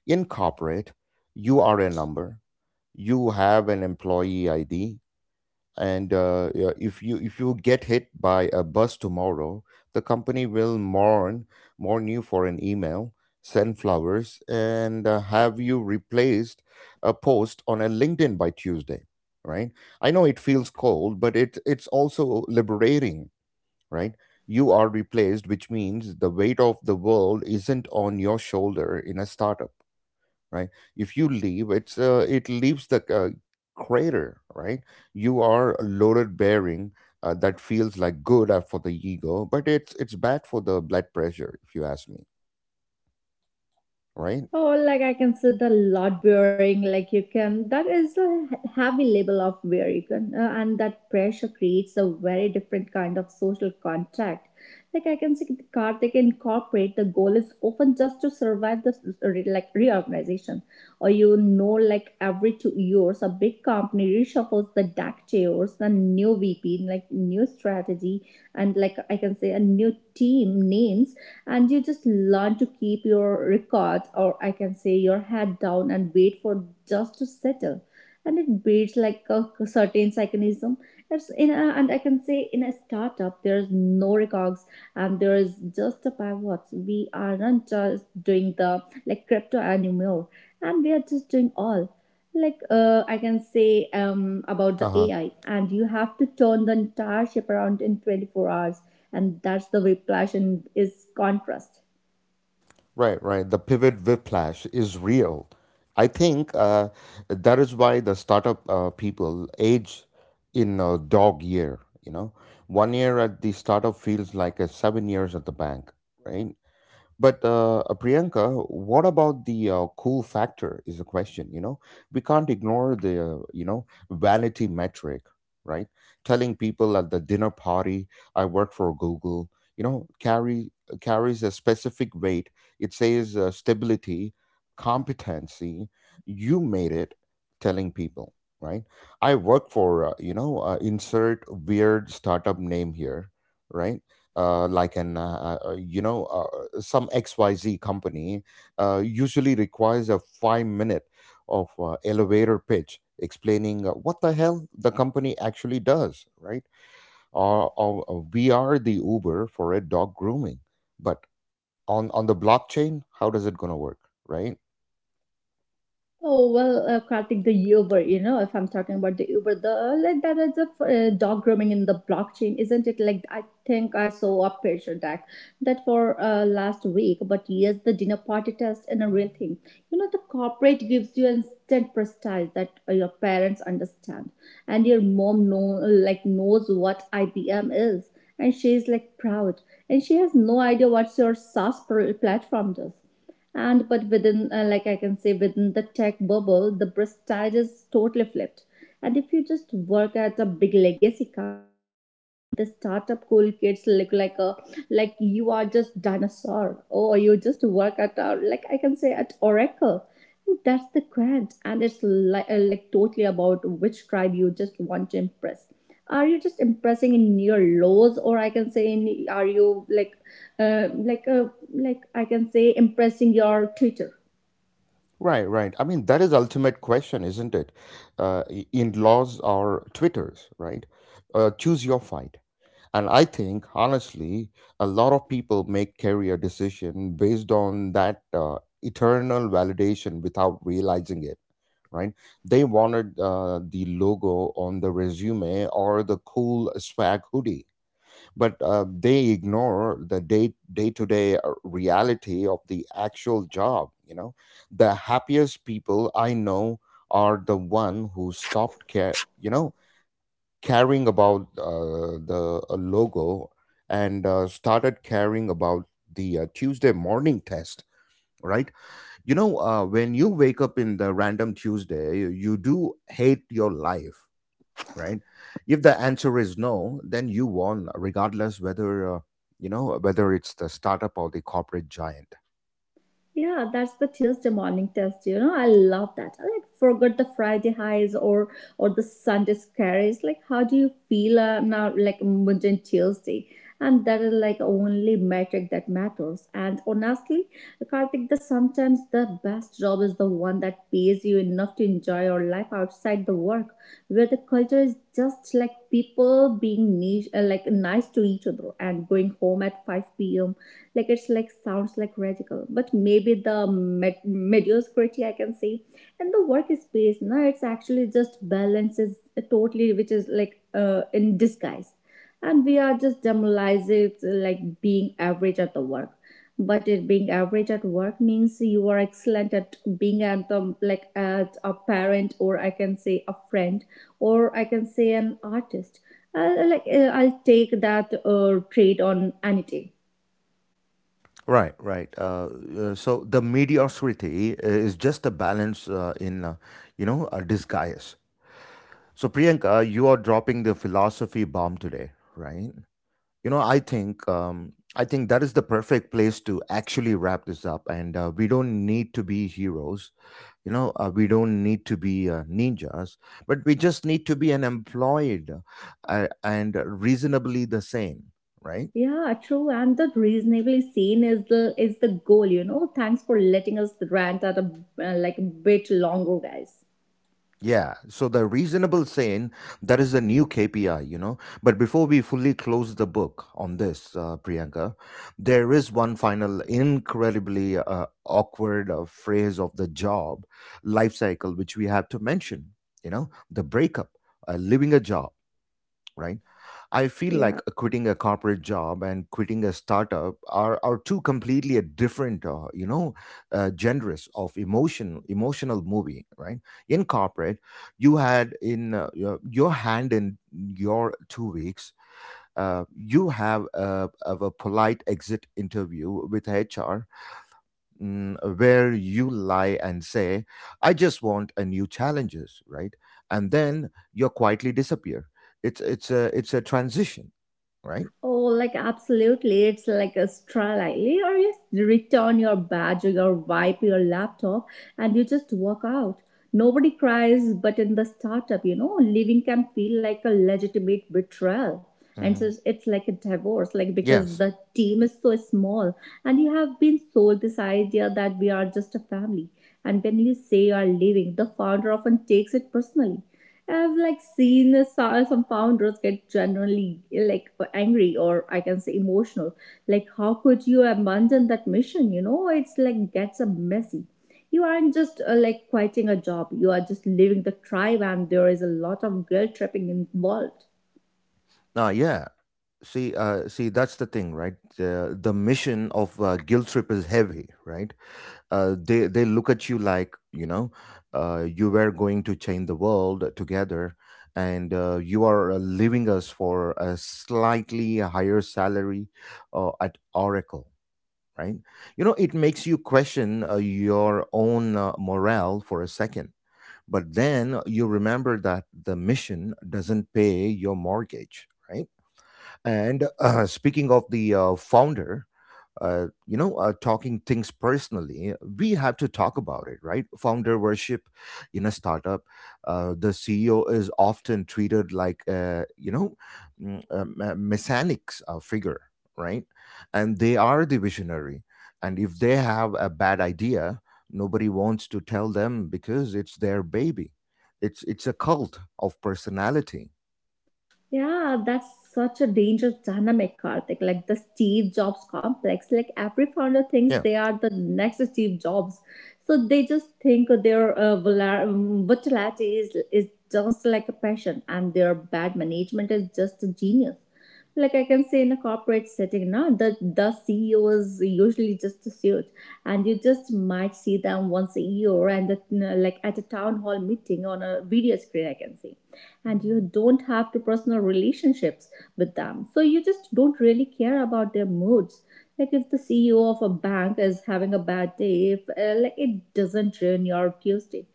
Speaker 1: In corporate, you are a number, you have an employee ID, and yeah, if you get hit by a bus tomorrow, the company will mourn you for an email, send flowers and have you replaced, a post on a LinkedIn by Tuesday, right? I know it feels cold, but it's also liberating, right? You are replaced, which means the weight of the world isn't on your shoulder. In a startup, right, if you leave, it leaves the crater, right? You are a loaded bearing, that feels like good for the ego, but it's bad for the blood pressure, if you ask me.
Speaker 2: Oh,
Speaker 1: Right.
Speaker 2: like I can see the lot bearing, like you can. That is a heavy label of where you can, and that pressure creates a very different kind of social contract. Like I can see the Karthik in corporate, the goal is often just to survive the reorganization, or you know, like every 2 years, a big company reshuffles the deck chairs, the new VP, like new strategy, and like I can say a new team names, and you just learn to keep your record or I can say your head down and wait for just to settle. And it beats like a certain mechanism. It's in a, and I can say in a startup there's no records, and there is just a pivots. We are not just doing the like crypto anymore, and they are just doing all like I can say about the
Speaker 1: Uh-huh.
Speaker 2: AI, and you have to turn the entire ship around in 24 hours, and that's the whiplash and is contrast.
Speaker 1: Right, right, the pivot whiplash is real. I think that is why the startup people age in a dog year, you know. One year at the startup feels like a 7 years at the bank, right? But Priyanka, what about the cool factor is a question, you know? We can't ignore the, vanity metric, right? Telling people at the dinner party, I work for Google, you know, carry carries a specific weight. It says stability, competency, you made it, telling people, right? I work for, insert weird startup name here, right? Like an you know Some XYZ company usually requires a 5 minute of elevator pitch explaining what the hell the company actually does, right? Or we are the Uber for a dog grooming, but on the blockchain, how does it gonna work, right?
Speaker 2: Oh well, Karthik, the Uber. You know, if I'm talking about the Uber, the like that is a dog grooming in the blockchain, isn't it? Like I think I saw a picture that for last week. But yes, the dinner party test and a real thing. You know, the corporate gives you instant prestige that your parents understand, and your mom know like knows what IBM is, and she's like proud, and she has no idea what your SaaS platform does. And but within like I can say within the tech bubble the prestige is totally flipped, and if you just work at a big legacy company, the startup cool kids look like a like you are just dinosaur, or you just work at a, like I can say at Oracle. That's the grant, and it's like totally about which tribe you just want to impress. Are you just impressing in your lows or I can say in are you uh, like uh, like I can say impressing your Twitter.
Speaker 1: Right, right, I mean that is ultimate question, isn't it? In laws or Twitters, right? Choose your fight. And I think, honestly, a lot of people make career decision based on that eternal validation without realizing it. Right? They wanted the logo on the resume or the cool swag hoodie, but they ignore the day to day reality of the actual job. You know, the happiest people I know are the one who stopped care. You know, caring about the logo and started caring about the Tuesday morning test. Right? You know, when you wake up in the random Tuesday, you do hate your life. Right? If the answer is no, then you won, regardless whether whether it's the startup or the corporate giant.
Speaker 2: Yeah, that's the Tuesday morning test. You know, I love that. I like forgot the Friday highs or the Sunday scaries. Like, how do you feel now? Like mundane Tuesday, and that is like only metric that matters. And honestly, Karthik, the sometimes the best job is the one that pays you enough to enjoy your life outside the work, where the culture is just like people being like nice to each other and going home at 5 p.m., like it's like sounds like radical but maybe the mediocrity I can say, and the workspace no it's actually just balances totally, which is like in disguise, and we are just demoralizing like being average at the work. But it being average at work means you are excellent at being at the, like at a parent or I can say a friend or I can say an artist. I'll, I'll take that trade on any day.
Speaker 1: Right, right. So the mediocrity is just a balance a disguise. So, Priyanka, you are dropping the philosophy bomb today, right? You know, I think that is the perfect place to actually wrap this up. And we don't need to be heroes, you know. We don't need to be ninjas, but we just need to be an employed and reasonably the same, right?
Speaker 2: Yeah, true. And the reasonably sane is the goal, you know. Thanks for letting us rant at a like a bit longer, guys.
Speaker 1: Yeah, so the reasonable sane, that is a new KPI, you know. But before we fully close the book on this, Priyanka, there is one final incredibly awkward phrase of the job life cycle, which we have to mention, you know, the breakup, leaving a job, right? I feel like
Speaker 2: Yeah.
Speaker 1: quitting a corporate job and quitting a startup are two completely different, genres of emotion, emotional movie, right? In corporate, you had in your hand in your 2 weeks, you have a, of a polite exit interview with HR, where you lie and say, I just want a new challenges, right? And then you quietly disappear. It's a transition, right?
Speaker 2: Oh, like absolutely. It's like a strilely, or you return your badge or your wipe your laptop and you just walk out. Nobody cries, but in the startup, you know, leaving can feel like a legitimate betrayal. And
Speaker 1: Hmm.
Speaker 2: so it's like a divorce, like because
Speaker 1: Yes.
Speaker 2: the team is so small, and you have been sold this idea that we are just a family. And when you say you are leaving, the founder often takes it personally. I've like seen some founders get genuinely like angry or I can say emotional. Like, how could you abandon that mission? You know, it's like gets a messy. You aren't just like quitting a job. You are just leaving the tribe, and there is a lot of guilt tripping involved.
Speaker 1: Now, yeah. See, see, that's the thing, right? The mission of guilt trip is heavy, right? They look at you like, you know, you were going to change the world together, and you are leaving us for a slightly higher salary at Oracle, right? You know, it makes you question your own morale for a second, but then you remember that the mission doesn't pay your mortgage, right? And speaking of the founder, you know, talking things personally, we have to talk about it, right? Founder worship in a startup, the CEO is often treated like, a mechanics figure, right? And they are the visionary. And if they have a bad idea, nobody wants to tell them because it's their baby. It's a cult of personality.
Speaker 2: Yeah, that's such a dangerous dynamic, Karthik. Like the Steve Jobs complex. Like every founder thinks
Speaker 1: Yeah.
Speaker 2: they are the next Steve Jobs. So they just think their volatility is just like a passion, and their bad management is just a genius. Like I can say in a corporate setting now, the CEO is usually just a suit, and you just might see them once a year, and that, you know, like at a town hall meeting on a video screen I can say. And you don't have to personal relationships with them, so you just don't really care about their moods. Like if the CEO of a bank is having a bad day, if, like it doesn't ruin your Tuesday.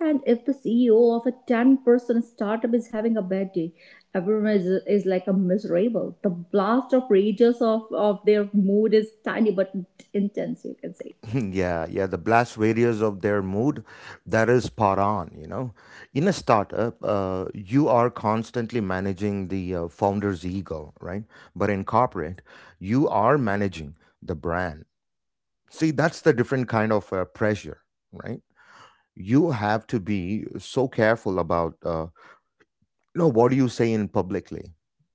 Speaker 2: And if the CEO of a 10-person startup is having a bad day, everyone is like a miserable. The blast of rages of their mood is tiny but intense, you can say.
Speaker 1: Yeah, yeah, the blast radius of their mood, that is spot on, you know. In a startup, you are constantly managing the founder's ego, right? But in corporate, you are managing the brand. See, that's the different kind of pressure, right? You have to be so careful about you know what do you say in publicly.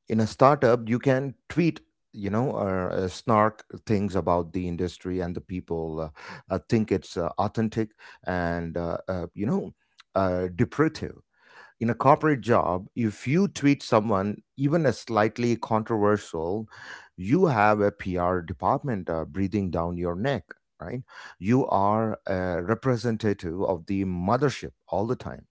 Speaker 1: In a startup, you can tweet, you know, or snark things about the industry, and the people think it's authentic and depreciative. In a corporate job, if you tweet someone even a slightly controversial, you have a PR department breathing down your neck, right? You are a representative of the mothership all the time.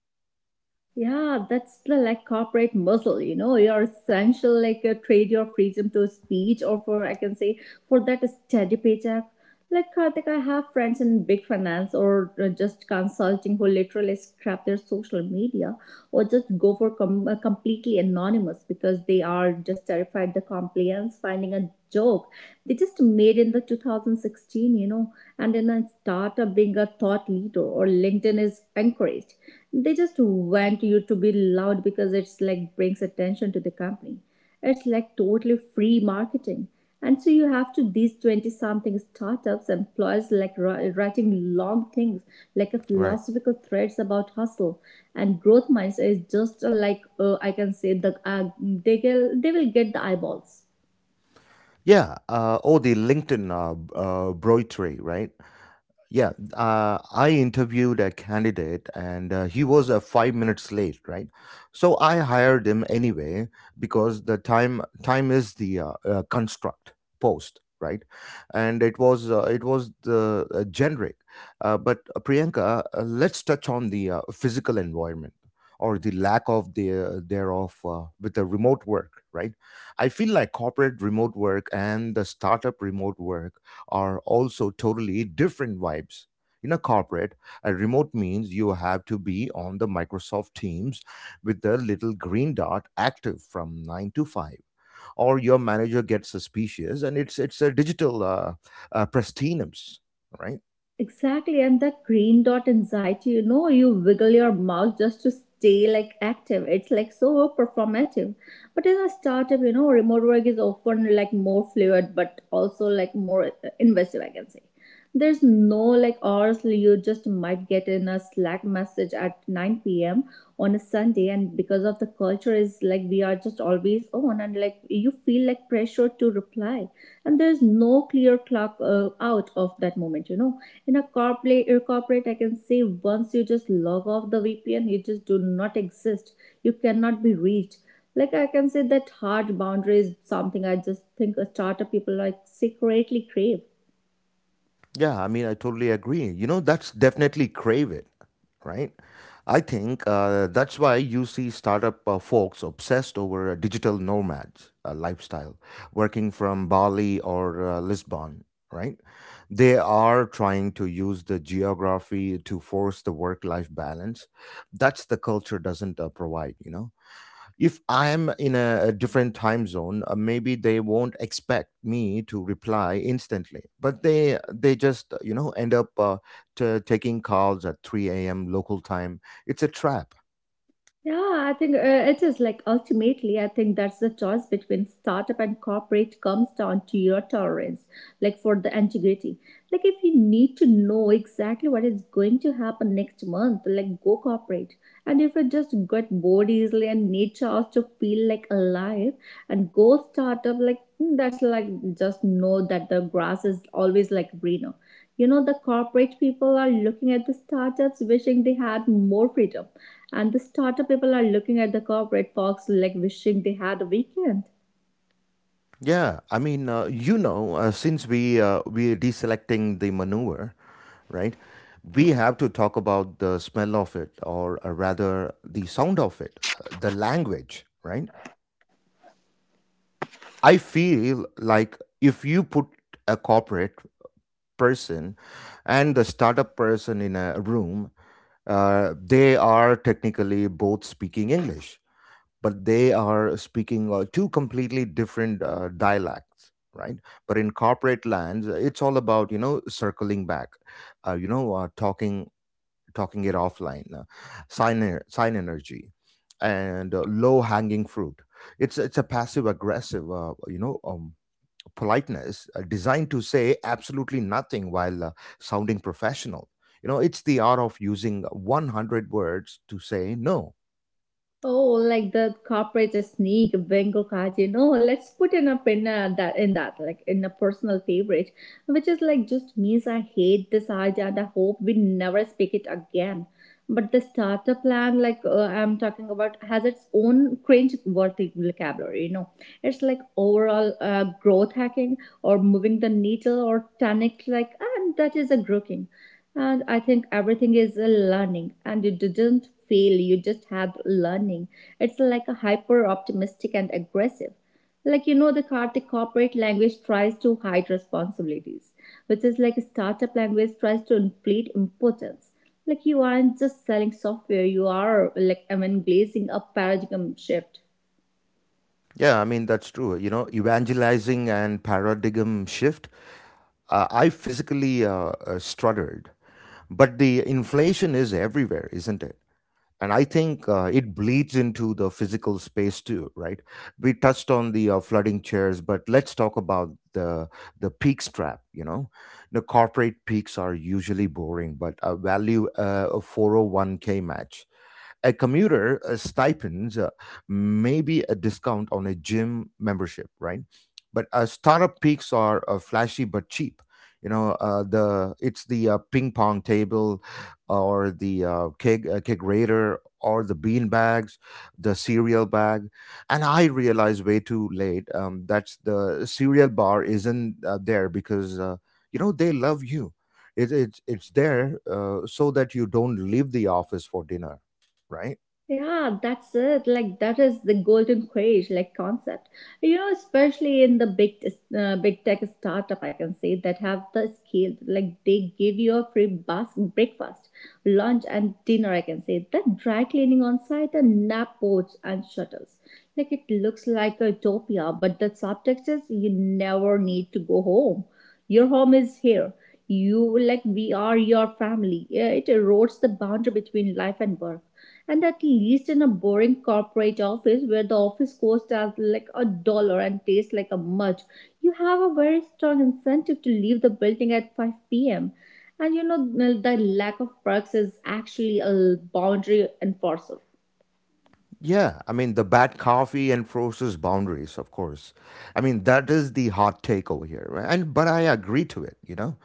Speaker 2: Yeah, that's the like corporate muscle, you know, you're essential, like trade your freedom to speech or for, I can say, for that steady paycheck. Like Karthik, I have friends in big finance or just consulting who literally scrap their social media or just go for completely anonymous because they are just terrified the compliance finding a joke. They just made in the 2016, you know, and in a startup being a thought leader or LinkedIn is encouraged. They just want you to be loud because it's like brings attention to the company. It's like totally free marketing. And so you have to these 20 something startups employees like writing long things like a
Speaker 1: Right.
Speaker 2: philosophical threads about hustle and growth mindset is just like I can say they will get the eyeballs.
Speaker 1: Yeah, oh, the LinkedIn broitery, right? Yeah, I interviewed a candidate and he was 5 minutes late, right? So I hired him anyway because the time is the construct post, right? And it was the generic. But Priyanka, let's touch on the physical environment or the lack of the thereof with the remote work, right? I feel like corporate remote work and the startup remote work are also totally different vibes. In a corporate, a remote means you have to be on the Microsoft Teams with the little green dot active from 9 to 5, or your manager gets suspicious, and it's a digital prestinums, right?
Speaker 2: Exactly, and that green dot anxiety, you know, you wiggle your mouse just to stay like active. It's like so performative. But in a startup, you know, remote work is often like more fluid but also like more invasive, I can say. There's no like hours, you just might get in a Slack message at 9 p.m. on a Sunday, and because of the culture is like we are just always on, and like you feel like pressure to reply, and there's no clear clock out of that moment, you know. In a corporate I can say, once you just log off the VPN you just do not exist, you cannot be reached. Like I can say that hard boundary is something I just think a startup people like secretly crave.
Speaker 1: Yeah, I mean, I totally agree. You know, that's definitely crave it, right? I think that's why you see startup folks obsessed over digital nomads lifestyle, working from Bali or Lisbon, right? They are trying to use the geography to force the work-life balance. That's the culture doesn't provide, you know, if I'm in a, different time zone, maybe they won't expect me to reply instantly. But they just end up taking calls at 3 a.m. local time. It's a trap.
Speaker 2: Yeah, I think it is like ultimately, I think that's the choice between startup and corporate comes down to your tolerance, like for the integrity. Like, if you need to know exactly what is going to happen next month, like go corporate. And if you just get bored easily and need chance to feel like alive, and go startup, like mm, that's like just know that the grass is always like greener. You know, the corporate people are looking at the startups wishing they had more freedom, and the startup people are looking at the corporate folks like wishing they had a weekend.
Speaker 1: Yeah, I mean, since we are deselecting the manure, right? We have to talk about the smell of it, or rather, the sound of it, the language, right? I feel like if you put a corporate person and the startup person in a room, they are technically both speaking English, but they are speaking two completely different dialects, right? But in corporate lands, it's all about circling back, uh, you know, uh, talking talking it offline, sign sign energy, and low hanging fruit. It's a passive aggressive, politeness designed to say absolutely nothing while sounding professional. You know, it's the art of using 100 words to say no.
Speaker 2: Oh, like the corporate sneak bingo card, you know. Let's put in a pin that like in a personal favorite, which is like just means I hate this idea and I hope we never speak it again. But the starter plan, I'm talking about, has its own cringe-worthy vocabulary. You know, it's like overall growth hacking or moving the needle or tonic, like, and that is a groking, and I think everything is a learning and you didn't fail you just had learning. It's like a hyper optimistic and aggressive, like you know the Kartik corporate language tries to hide responsibilities, which is like a startup language tries to inflate importance. Like you aren't just selling software, you are like evangelizing a paradigm shift.
Speaker 1: Yeah, I mean, that's true. You know, evangelizing and paradigm shift. I physically strutted, but the inflation is everywhere, isn't it? And I think it bleeds into the physical space too, right? We touched on the flooding chairs, but let's talk about the peak strap, you know. The corporate peaks are usually boring but a value, a 401k match, a commuter stipends, maybe a discount on a gym membership, right? But startup peaks are flashy but cheap. You know, the it's the ping pong table, or the kegerator, or the bean bags, the cereal bag, and I realized way too late that the cereal bar isn't there because you know they love you. It's there so that you don't leave the office for dinner, right?
Speaker 2: Yeah, that's it. Like that is the golden cage like concept. You know, especially in the big big tech startup, I can say that have the scale. Like they give you a free bus breakfast, lunch, and dinner. I can say that dry cleaning on site and nap boats and shuttles. Like it looks like a utopia, but the subtext is you never need to go home. Your home is here. You like we are your family. Yeah, it erodes the boundary between life and work. And at least in a boring corporate office where the office cost as like a dollar and tastes like a mud, you have a very strong incentive to leave the building at 5 p.m. And you know, the lack of perks is actually a boundary enforcer.
Speaker 1: Yeah, I mean, the bad coffee enforces boundaries, of course. I mean, that is the hot take over here, right? And but I agree to it, you know.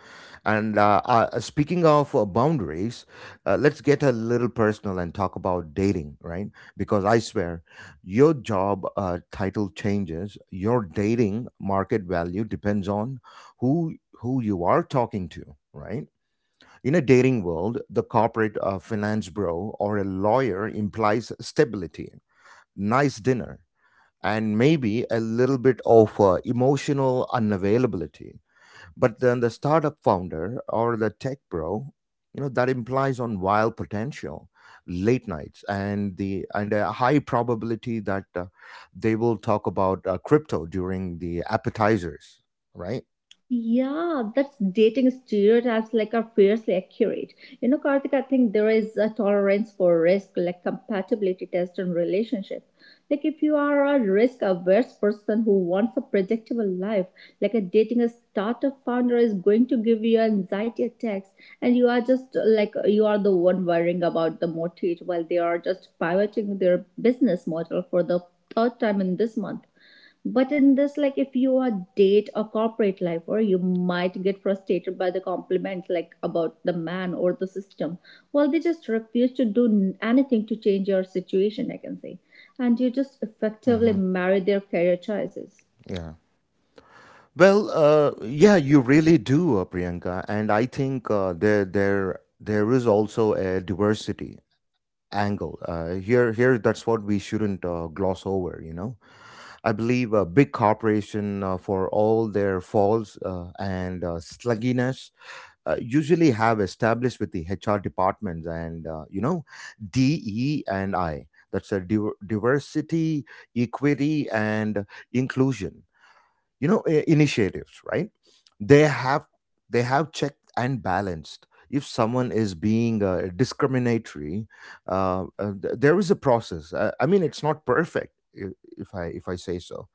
Speaker 1: And speaking of boundaries, let's get a little personal and talk about dating, right? Because I swear, your job title changes, your dating market value depends on who you are talking to, right? In a dating world, the corporate finance bro or a lawyer implies stability, nice dinner, and maybe a little bit of emotional unavailability. But then the startup founder or the tech bro, you know, that implies on wild potential, late nights, and the and a high probability that they will talk about crypto during the appetizers, right?
Speaker 2: Yeah, that's dating stereotypes like are fiercely accurate. You know, Karthik, I think there is a tolerance for risk, like compatibility test in relationship. Like if you are a risk averse person who wants a predictable life, like a dating a startup founder is going to give you anxiety attacks, and you are just like you are the one worrying about the mortgage while they are just pivoting their business model for the third time in this month. But in this, like if you are date a corporate life, or you might get frustrated by the compliments like about the man or the system. Well, they just refuse to do anything to change your situation, I can say. And you just effectively marry their career choices.
Speaker 1: Yeah. Well, yeah, you really do, Priyanka, and I think there is also a diversity angle. Here, that's what we shouldn't gloss over. You know, I believe a big corporation, for all their faults and slugginess, usually have established with the HR departments and you know, DE and I. That's a diversity, equity, and inclusion, you know, initiatives, right? they have they have checked and balanced if someone is being discriminatory. There is a process. I mean, it's not perfect, I- if I if I say so,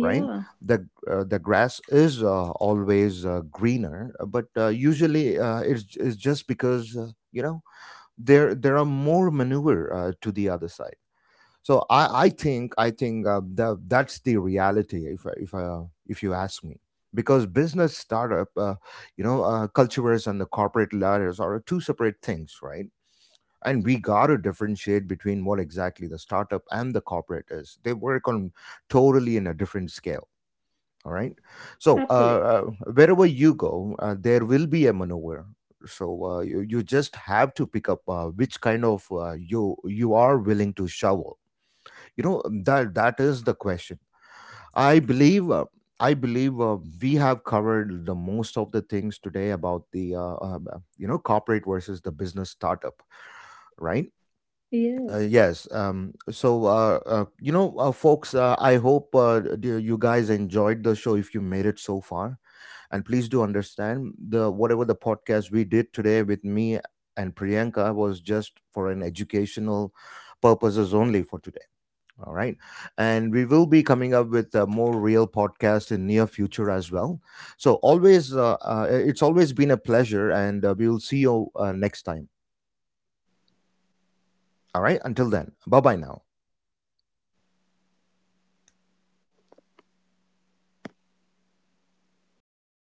Speaker 1: right? The grass is always greener, but usually it's just because you know there are more manure to the other side. So I think that's the reality if you ask me, because business startup, cultures and the corporate ladders are two separate things, right? And we got to differentiate between what exactly the startup and the corporate is. They work on totally in a different scale. All right. So
Speaker 2: absolutely.
Speaker 1: wherever you go there will be a maneuver. So you just have to pick up which kind of you are willing to shovel, you know. That is the question. I believe uh, i believe uh, we have covered the most of the things today about the corporate versus the business startup, right?
Speaker 2: Yes.
Speaker 1: Yes. Folks, I hope you guys enjoyed the show. If you made it so far, and please do understand the whatever the podcast we did today with me and Priyanka was just for an educational purposes only for today. All right. And we will be coming up with a more real podcast in near future as well. So always, it's always been a pleasure and we'll see you next time. All right. Until then, bye-bye now.